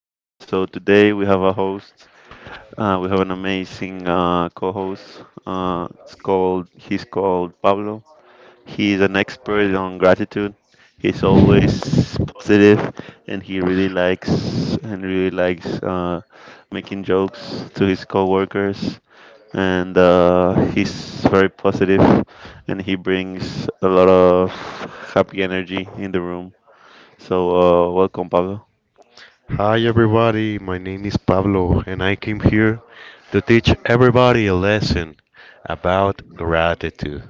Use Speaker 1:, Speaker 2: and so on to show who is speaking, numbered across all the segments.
Speaker 1: Today we have a host. We have an amazing co host. He's called Pablo. He's an expert on gratitude. He's always positive and he really likes making jokes to his coworkers and he's very positive and he brings a lot of happy energy in the room, so welcome, Pablo.
Speaker 2: Hi everybody, my name is Pablo and I came here to teach everybody a lesson about gratitude.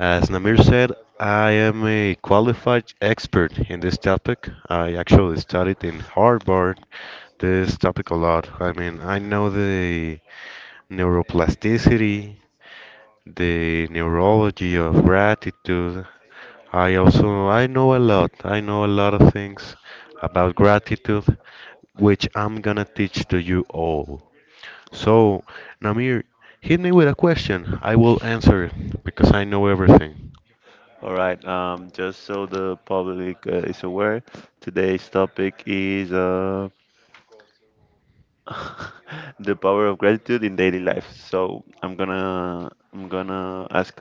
Speaker 2: As Namir said, I am a qualified expert in this topic. I actually studied in Harvard this topic a lot. I mean, I know the neuroplasticity, the neurology of gratitude, I also I know a lot. I know a lot of things about gratitude, which I'm gonna teach to you all. So, Namir, hit me with a question. I will answer it because I know everything.
Speaker 1: All right, just so the public is aware, today's topic is the power of gratitude in daily life. So, I'm gonna ask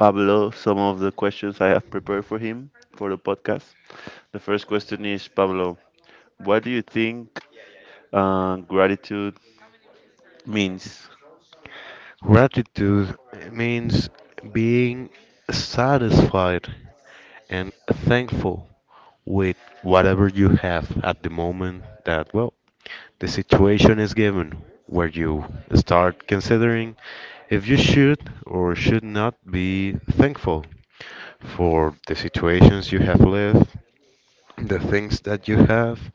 Speaker 1: Pablo some of the questions I have prepared for him for the podcast. The first question is, Pablo, what do you think gratitude means?
Speaker 2: Gratitude means being satisfied and thankful with whatever you have at the moment that. The situation is given where you start considering if you should or should not be thankful for the situations you have lived, the things that you have,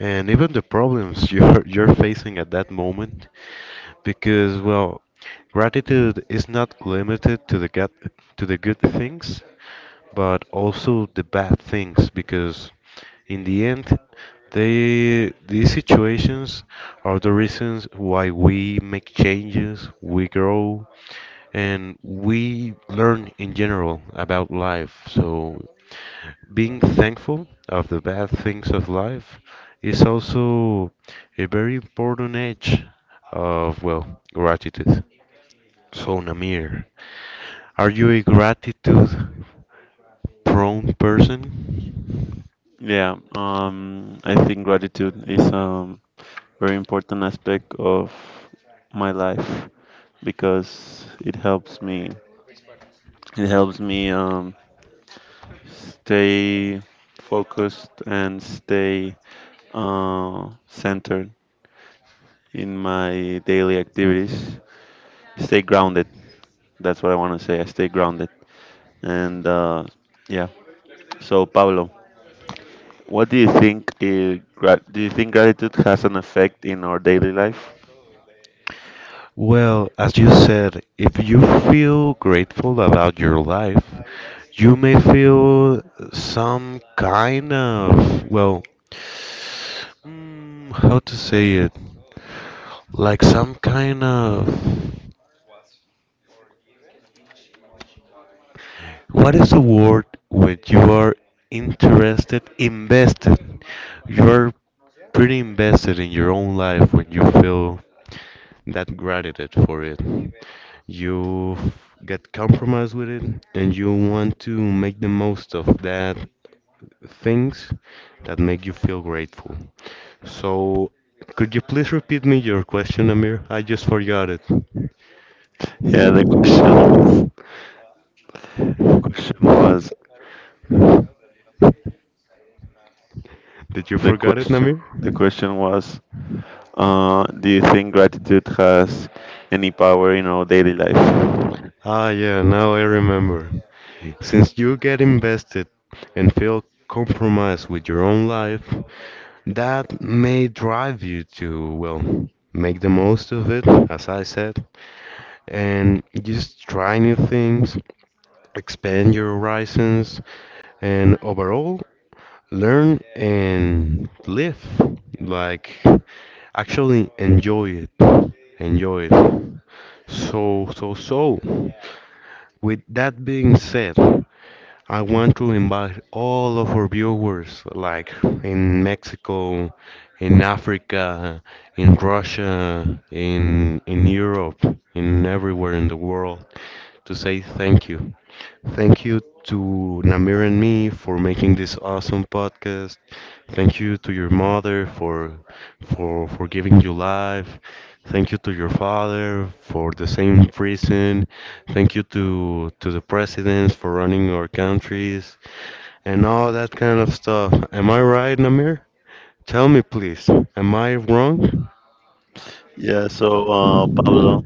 Speaker 2: and even the problems you're facing at that moment. Because, well, gratitude is not limited to to the good things, but also the bad things because in the end they these situations are the reasons why we make changes, we grow and we learn in general about life. So being thankful of the bad things of life is also a very important edge of well gratitude. So Namir, are you a gratitude? Prone person?
Speaker 1: Yeah, I think gratitude is a very important aspect of my life, because it helps me stay focused and stay centered in my daily activities, stay grounded. That's what I want to say, I stay grounded. And Yeah. So Pablo, what do you think is, do you think gratitude has an effect in our daily life?
Speaker 2: Well, as you said, if you feel grateful about your life, you may feel some kind of, well, how to say it? Like some kind of, what is the word when you are interested, invested? You're pretty invested in your own life when you feel that gratitude for it. You get compromised with it and you want to make the most of that things that make you feel grateful. So, could you please repeat me your question, Amir? I just forgot it.
Speaker 1: Yeah the question was the question was
Speaker 2: Did you
Speaker 1: the
Speaker 2: forgot it,
Speaker 1: question
Speaker 2: Amir?
Speaker 1: The question was, do you think gratitude has any power in our daily life?
Speaker 2: Yeah, now I remember. Since you get invested and feel compromised with your own life, that may drive you to, well, make the most of it, as I said, and just try new things, expand your horizons, and overall learn and live. Like, actually enjoy it. Enjoy it. So, with that being said, I want to invite all of our viewers, like in Mexico, in Africa, in Russia, in Europe, in everywhere in the world, to say thank you. Thank you to Namir and me for making this awesome podcast. Thank you to your mother for giving you life. Thank you to your father for the same reason. Thank you to the presidents for running our countries and all that kind of stuff. Am I right, Namir? Tell me, please. Am I wrong?
Speaker 1: Yeah, so Pablo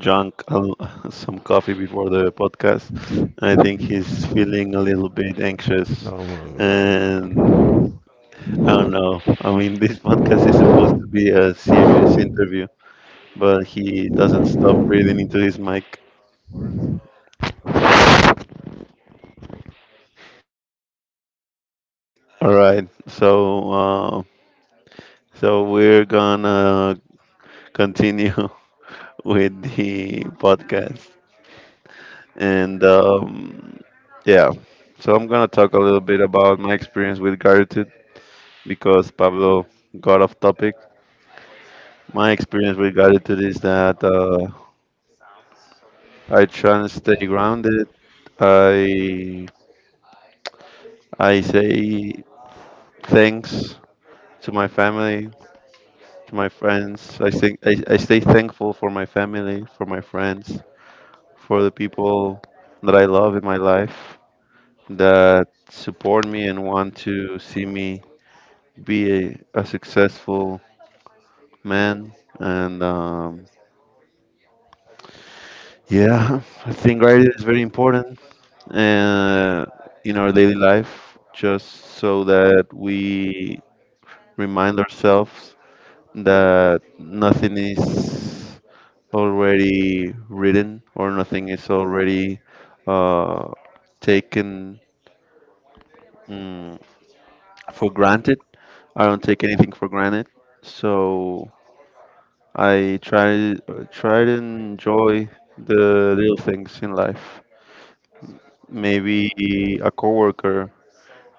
Speaker 1: some coffee before the podcast. I think he's feeling a little bit anxious.
Speaker 2: Oh
Speaker 1: And
Speaker 2: my God.
Speaker 1: I don't know. I mean, this podcast is supposed to be a serious interview, but he doesn't stop breathing into his mic. All right. So we're gonna continue with the podcast. And yeah. So I'm gonna talk a little bit about my experience with gratitude because Pablo got off topic. My experience with gratitude is that I try and stay grounded. I I say thanks to my family, to my friends. I stay thankful for my family, for my friends, for the people that I love in my life that support me and want to see me be a successful man. And Yeah, I think writing is very important uh, in our daily life, just so that we remind ourselves that nothing is already written or nothing is already uh, taken, mm, for granted. I don't take anything for granted. So I try try to enjoy the little things in life. Maybe a coworker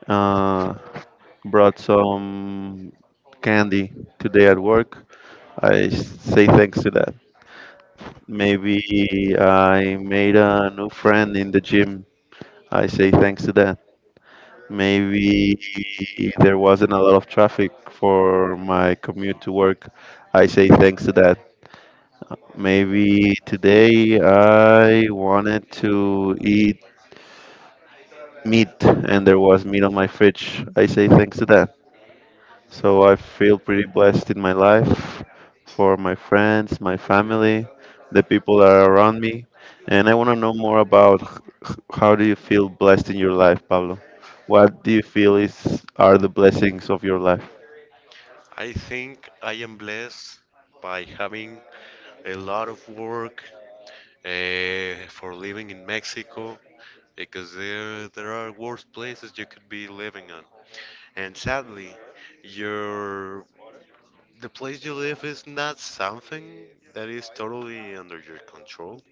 Speaker 1: uh, brought some candy today at work. I say thanks to that. Maybe I made a new friend in the gym. I say thanks to that. Maybe there wasn't a lot of traffic for my commute to work. I say thanks to that. Maybe today I wanted to eat meat and there was meat on my fridge. I say thanks to that. So I feel pretty blessed in my life for my friends, my family, the people that are around me. And I want to know more about how do you feel blessed in your life, Pablo? What do you feel is are the blessings of your life?
Speaker 2: I think I am blessed by having a lot of work for living in Mexico because there are worse places you could be living on. And sadly, your the place you live is not something that is totally under your control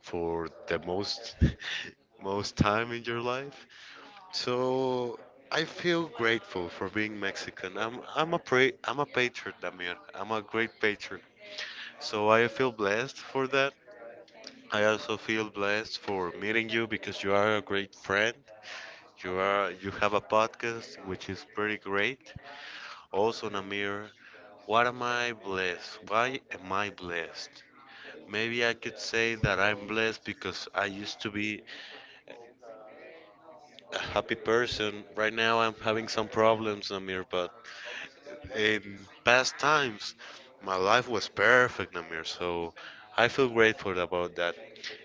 Speaker 2: for the most most time in your life. So I feel grateful for being Mexican. I'm a patriot, Damir. I'm a great patriot. So I feel blessed for that. I also feel blessed for meeting you because you are a great friend. You have a podcast which is pretty great. Also, Namir, what am I blessed? Why am I blessed? Maybe I could say that I'm blessed because I used to be a happy person. Right now I'm having some problems, Namir, but in past times, my life was perfect, Namir. So I feel grateful about that.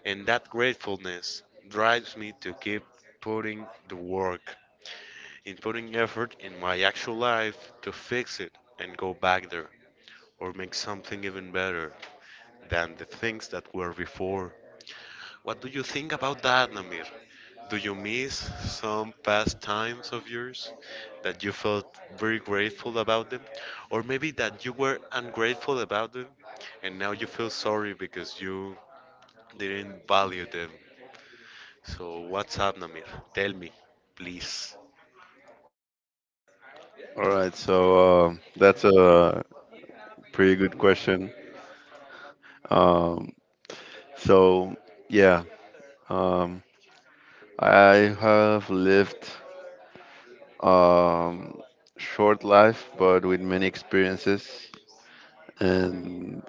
Speaker 2: And that gratefulness drives me to keep putting the work, in putting effort in my actual life to fix it and go back there or make something even better than the things that were before. What do you think about that, Namir? Do you miss some past times of yours that you felt very grateful about them? Or maybe that you were ungrateful about them and now you feel sorry because you didn't value them. So, what's up, Namir? Tell me, please.
Speaker 1: All right, so that's a pretty good question. Um, so yeah, um, I have lived um, short life, but with many experiences, and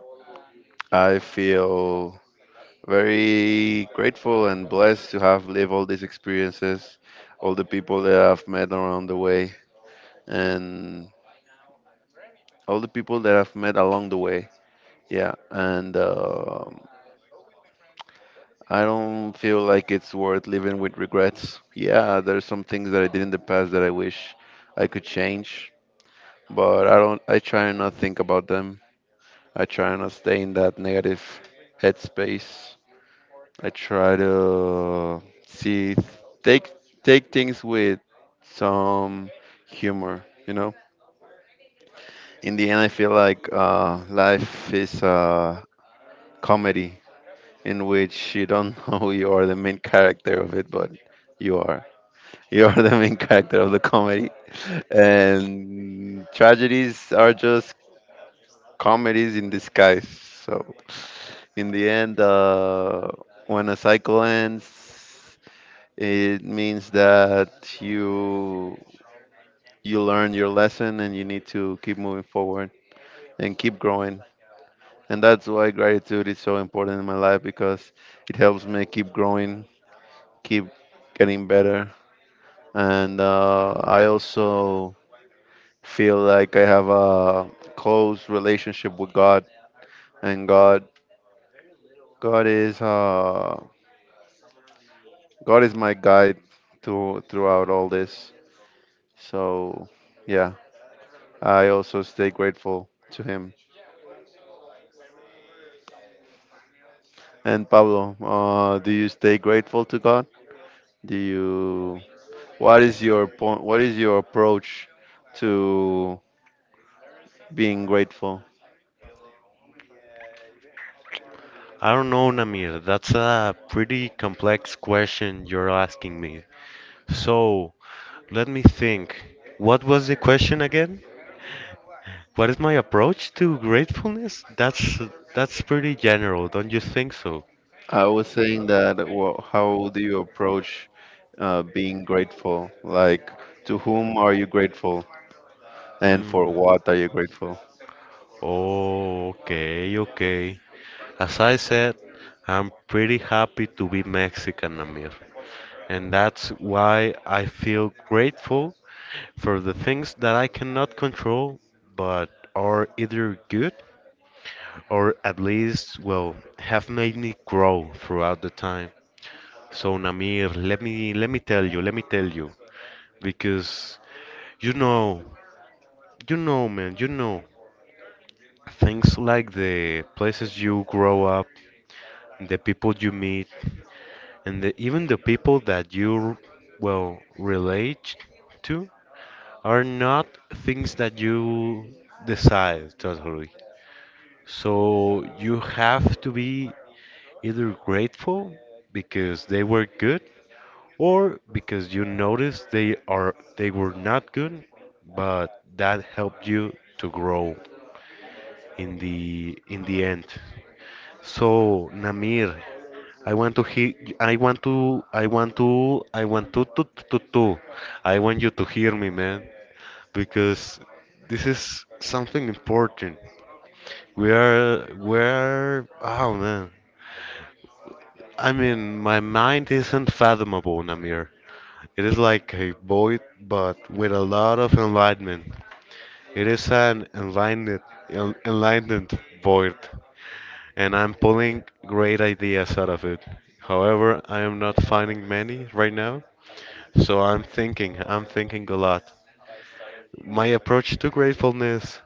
Speaker 1: I feel very grateful and blessed to have lived all these experiences, all the people that I've met around the way, and all the people that I've met along the way. Yeah, and I don't feel like it's worth living with regrets. Yeah, there's some things that I did in the past that I wish I could change, but I don't. I try and not think about them. I try and not stay in that negative headspace. I try to see take take things with some humor. You know, in the end, I feel like life is a comedy in which you don't know you are the main character of it, but you are. You are the main character of the comedy, and tragedies are just comedies in disguise. So, in the end, when a cycle ends, it means that you you learn your lesson and you need to keep moving forward and keep growing. And that's why gratitude is so important in my life because it helps me keep growing, keep getting better. And I also feel like I have a close relationship with God, and God, God is. God is my guide to throughout all this. So yeah, I also stay grateful to Him. And Pablo, do you stay grateful to God? Do you? What is your point? What is your approach to being grateful?
Speaker 2: I don't know, Namir. That's a pretty complex question you're asking me. So, let me think. What was the question again? What is my approach to gratefulness? That's pretty general, don't you think so?
Speaker 1: I was saying that, wha how do you approach being grateful? Like, to whom are you grateful, and
Speaker 2: Mm.
Speaker 1: for what are you grateful?
Speaker 2: Oh, okay, okay. As I said, I'm pretty happy to be Mexican, Amir. And that's why I feel grateful for the things that I cannot control, but are either good or at least, well, have made me grow throughout the time. So, Namir, let me tell you, let me tell you, because you know, you know, man, things like the places you grow up, the people you meet, and even the people that you, well, relate to are not things that you decide totally. So you have to be either grateful because they were good or because you noticed they were not good, but that helped you to grow in the end. So Namir, I want to hear. I want to. I want to. I want to. To. To. To. I want you to hear me, man, because this is something important. We are. We are. Oh man. I mean, my mind isn't fathomable, Namir. It is like a void, but with a lot of enlightenment. It is an enlightened void, and I'm pulling great ideas out of it. However, I am not finding many right now, so I'm thinking a lot. My approach to gratefulness,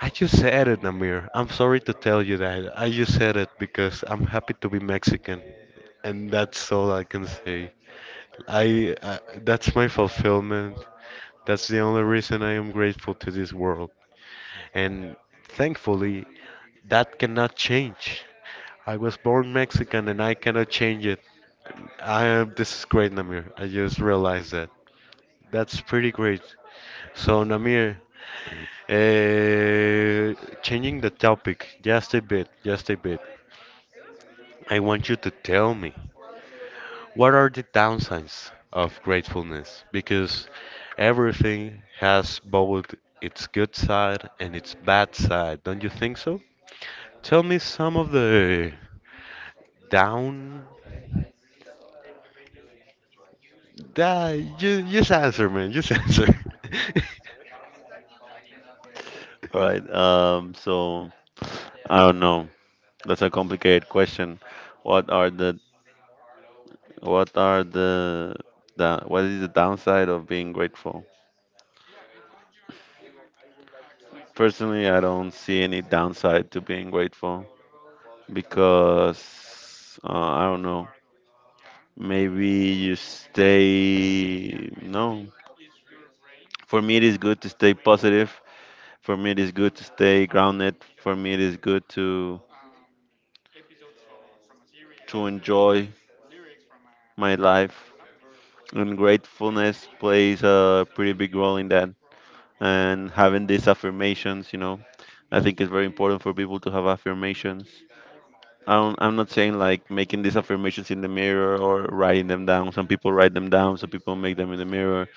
Speaker 2: I just said it, Namir. I'm sorry to tell you that. I just said it because I'm happy to be Mexican, and that's all I can say. I, that's my fulfillment. That's the only reason I am grateful to this world. And thankfully, that cannot change. I was born Mexican and I cannot change it. I, this is great, Namir. I just realized that. That's pretty great. So, Namir, changing the topic just a bit, just a bit. I want you to tell me what are the downsides of gratefulness? Because everything has both its good side and its bad side. Don't you think so? Tell me some of the down. Just answer, man. Just answer.
Speaker 1: All right. I don't know. That's a complicated question. What are the what are the what is the downside of being grateful? Personally, I don't see any downside to being grateful because I don't know. Maybe you stay no. For me, it is good to stay positive. For me, it is good to stay grounded. For me, it is good to enjoy my life. And gratefulness plays a pretty big role in that, and having these affirmations, you know, I think it's very important for people to have affirmations. I'm not saying like making these affirmations in the mirror or writing them down. Some people write them down, some people make them in the mirror.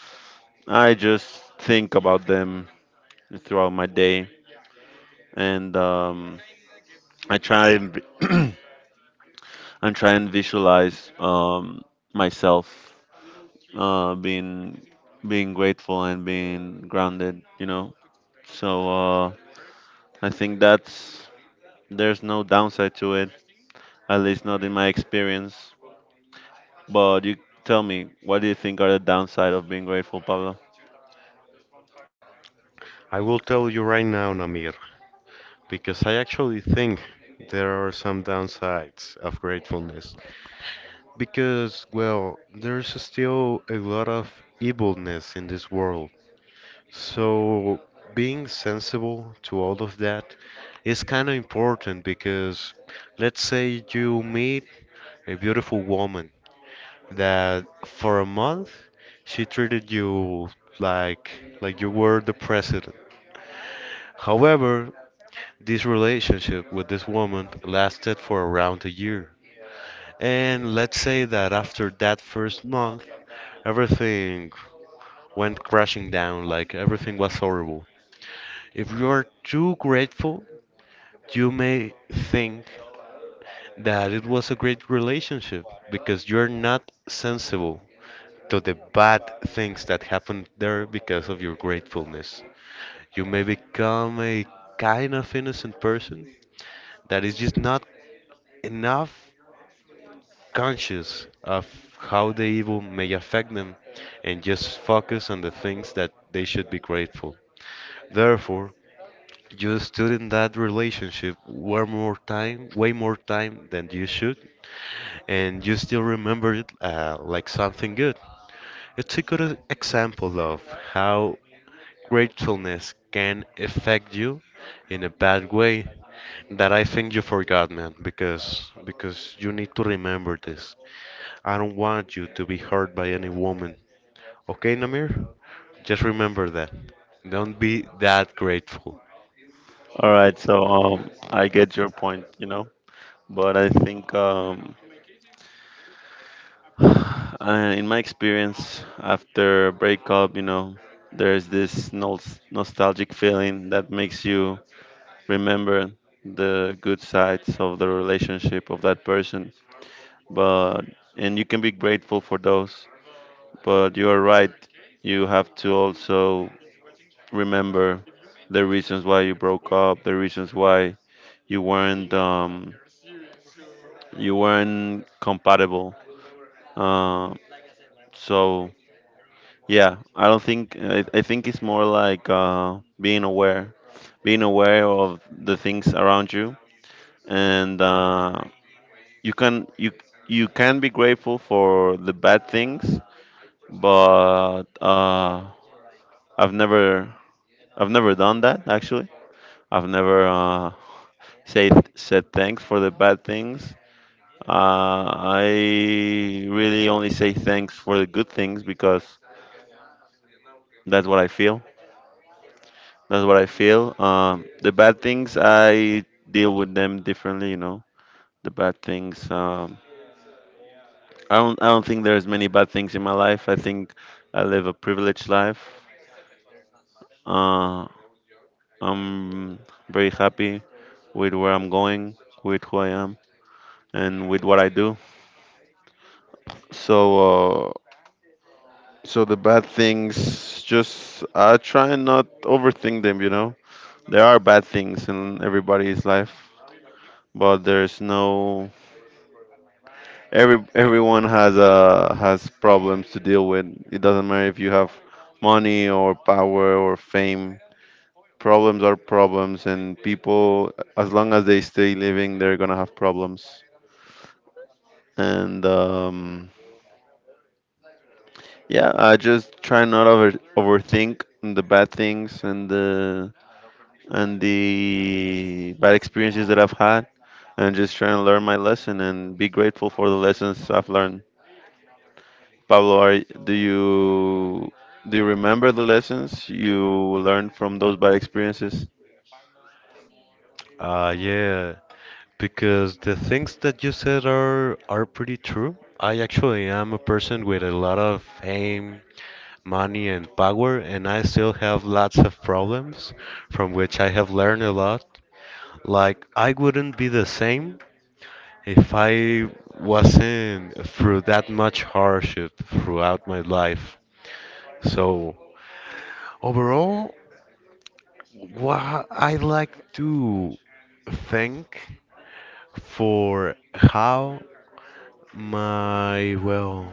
Speaker 1: I just think about them throughout my day, and I try and I try and visualize myself uh, being being grateful and being grounded. You know, so uh, I think that's, there's no downside to it, at least not in my experience. But you tell me, what do you think are the downside of being grateful, Pablo?
Speaker 2: I will tell you right now, Namir, because I actually think there are some downsides of gratefulness. Because, well, there's still a lot of evilness in this world. So, being sensible to all of that is kind of important because, let's say, you meet a beautiful woman that for a month she treated you like like you were the president. However, this relationship with this woman lasted for around a year. And let's say that after that first month, everything went crashing down, like everything was horrible. If you are too grateful, you may think that it was a great relationship because you're not sensible to the bad things that happened there because of your gratefulness. You may become a kind of innocent person that is just not enough conscious of how the evil may affect them and just focus on the things that they should be grateful. Therefore, you stood in that relationship way more time than you should, and you still remember it like something good. It's a good example of how gratefulness can affect you in a bad way that I think you forgot, man, because you need to remember this. I don't want you to be hurt by any woman. Okay, Namir? Just remember that. Don't be that grateful.
Speaker 1: All right, so I get your point, you know, but I think I, in my experience after a breakup, you know, there's this nostalgic feeling that makes you remember the good sides of the relationship of that person, but, and you can be grateful for those, but you are right. You have to also remember the reasons why you broke up, the reasons why you weren't um, you weren't compatible. Uh, so yeah, I don't think I think it's more like being aware of the things around you, and you can you you can be grateful for the bad things, but I've never I've never done that, actually. I've never said thanks for the bad things. Uh, I really only say thanks for the good things because that's what I feel. That's what I feel. The bad things I deal with them differently. You know, the bad things. I don't think there's many bad things in my life. I think I live a privileged life. Uh, I'm very happy with where I'm going, with who I am, and with what I do. So uh, So the bad things, just I try and not overthink them, you know. There are bad things in everybody's life, but there's no everyone has problems to deal with. It doesn't matter if you have money or power or fame. Problems are problems, and people, as long as they stay living, they're gonna have problems. And yeah, I just try not overthink the bad things and the bad experiences that I've had, and just trying to learn my lesson and be grateful for the lessons I've learned. Pablo, do you remember the lessons you learned from those bad experiences?
Speaker 2: Yeah, because the things that you said are pretty true. I actually am a person with a lot of fame, money, and power, and I still have lots of problems from which I have learned a lot. Like I wouldn't be the same if I wasn't through that much hardship throughout my life. So overall, what I like to thank for how my, well,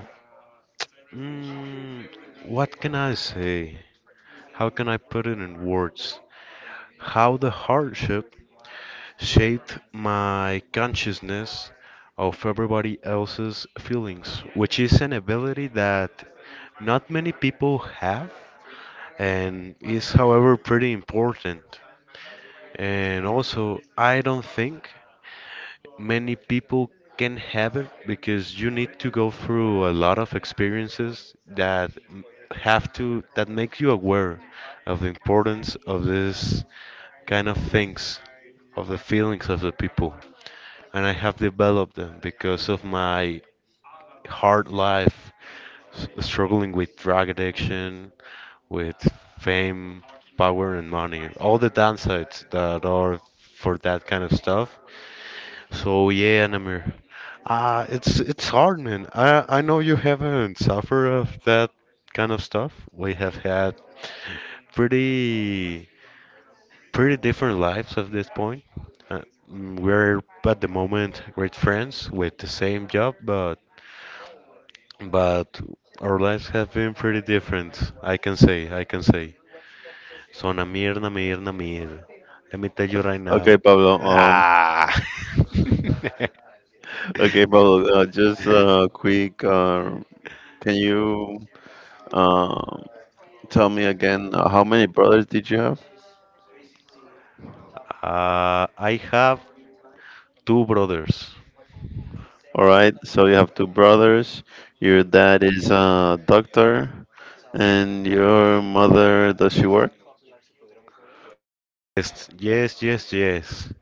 Speaker 2: mm, what can I say? How can I put it in words? How the hardship shaped my consciousness of everybody else's feelings, which is an ability that not many people have and is, however, pretty important. And also, I don't think many people can have it because you need to go through a lot of experiences that m- have to that make you aware of the importance of this kind of things, of the feelings of the people. And I have developed them because of my hard life, struggling with drug addiction, with fame, power, and money. All the downsides that are for that kind of stuff. So yeah, Namir. It's hard, man. I know you haven't suffered of that kind of stuff. We have had pretty pretty different lives at this point. Uh, we're at the moment great friends with the same job, but but our lives have been pretty different, I can say. So Namir. Let me tell you right now.
Speaker 1: Okay, Pablo.
Speaker 2: Ah.
Speaker 1: Okay, Pablo. Just quick. Can you um, tell me again, how many brothers did you have?
Speaker 2: I have two brothers.
Speaker 1: All right, so you have two brothers. Your dad is a doctor, and your mother, does she work?
Speaker 2: Yes.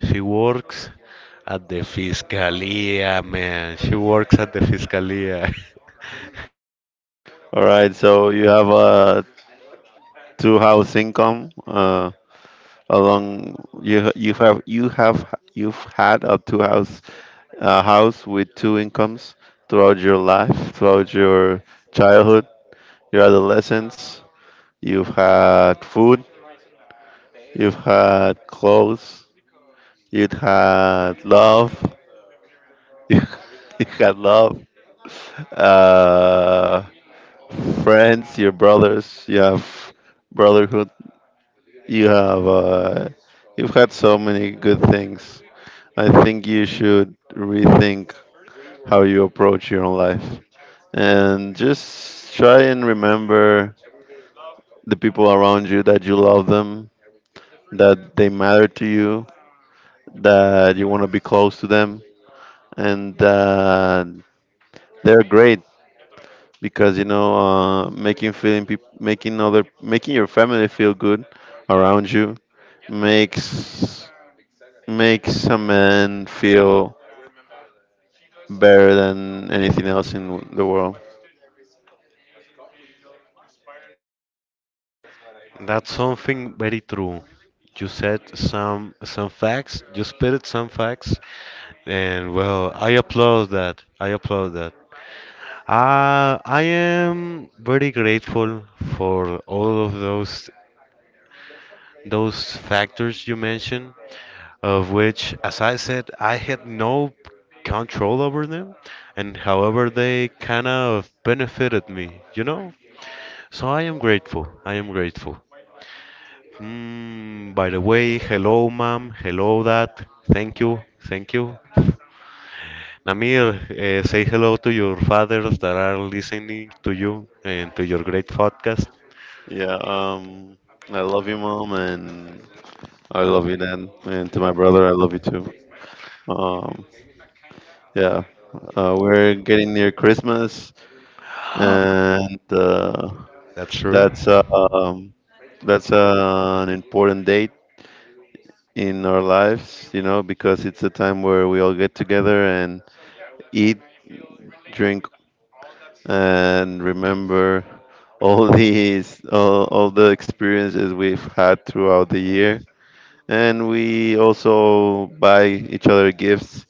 Speaker 2: She works at the Fiscalía, man. She works at the Fiscalía.
Speaker 1: All right, so you have a two house income. Along you've had a two house a house with two incomes throughout your life, throughout your childhood, your adolescence. You've had food. You've had clothes. You've had love. You, you had love. uh, Friends, your brothers. You have brotherhood. You have you've had so many good things. I think you should rethink how you approach your own life and just try and remember the people around you, that you love them, that they matter to you, that you want to be close to them, and that they're great. Because you know, making your family feel good around you makes a man feel better than anything else in the world.
Speaker 2: That's something very true. You said some facts, you spitted some facts, and well, I applaud that. I applaud that. I am very grateful for all of those factors you mentioned, of which, as I said, I had no control over them, and however they kind of benefited me, you know? So I am grateful. I am grateful. By the way, hello, ma'am. Hello, dad. Thank you. Thank you. Namir, say hello to your fathers that are listening to you and to your great podcast.
Speaker 1: Yeah, I love you, mom, and I love you, dad, and to my brother, I love you too. Um, yeah, we're getting near Christmas, and
Speaker 2: That's true.
Speaker 1: that's uh, um, that's an important date in our lives, you know, because it's a time where we all get together and eat, drink, and remember all all the experiences we've had throughout the year. And we also buy each other gifts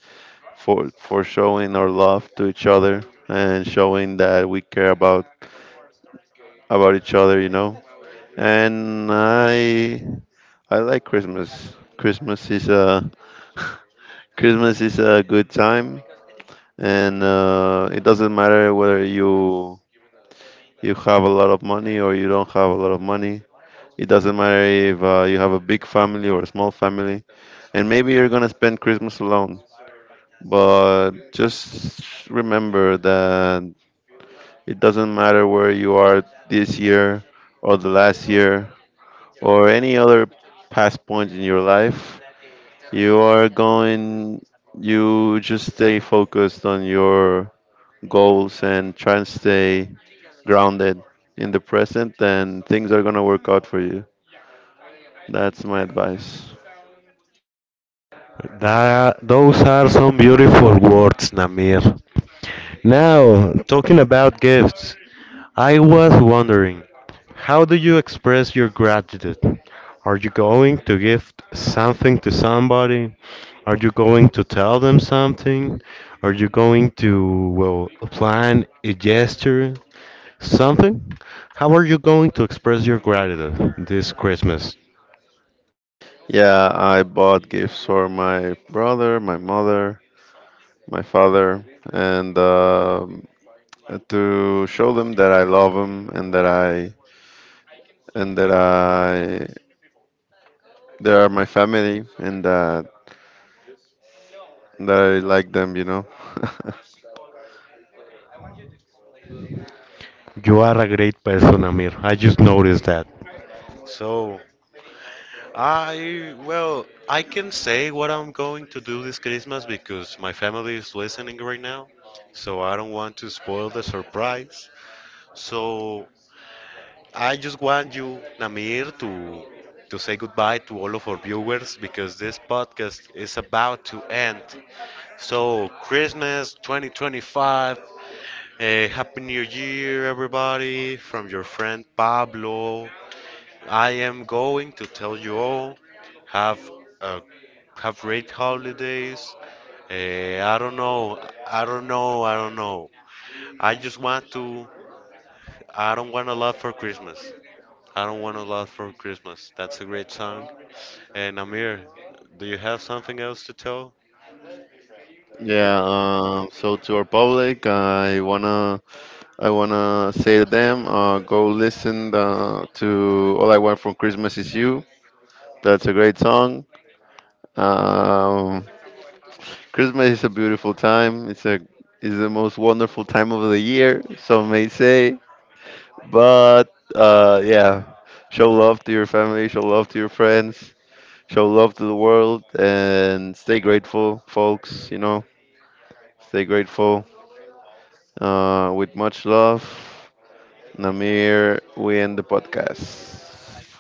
Speaker 1: for showing our love to each other and showing that we care about each other, you know. And I like Christmas. Christmas is a Christmas is a good time. And it doesn't matter whether you have a lot of money or you don't have a lot of money. It doesn't matter if you have a big family or a small family, and maybe you're gonna spend Christmas alone. But just remember that it doesn't matter where you are this year or the last year or any other past point in your life. You are going. You just stay focused on your goals and try and stay grounded in the present, then things are gonna work out for you. That's my advice.
Speaker 2: Those are some beautiful words, Namir. Now, talking about gifts, I was wondering, how do you express your gratitude? Are you going to give something to somebody? Are you going to tell them something? Are you going to, well, plan a gesture? Something? How are you going to express your gratitude this Christmas?
Speaker 1: Yeah, I bought gifts for my brother, my mother, my father, and to show them that I love them and that I they are my family and that I like them, you know.
Speaker 2: You are a great person, Amir. I just noticed that. So, I, well, I can say what I'm going to do this Christmas because my family is listening right now, so I don't want to spoil the surprise. So I just want you, Namir, to say goodbye to all of our viewers because this podcast is about to end. So Christmas 2025, a happy new year everybody from your friend Pablo. I am going to tell you all have uh, have great holidays. Eh, I don't know. I don't know. I just want to. I don't want a lot for Christmas. I don't want a lot for Christmas. That's a great song. And Amir, do you have something else to tell?
Speaker 1: Yeah. So to our public, I wanna say to them, go listen to "All I Want from Christmas Is You." That's a great song. Um, Christmas is a beautiful time. It's a Is the most wonderful time of the year, some may say. But yeah, show love to your family, show love to your friends, show love to the world, and stay grateful, folks. You know, stay grateful. With much love, Namir, we end the podcast.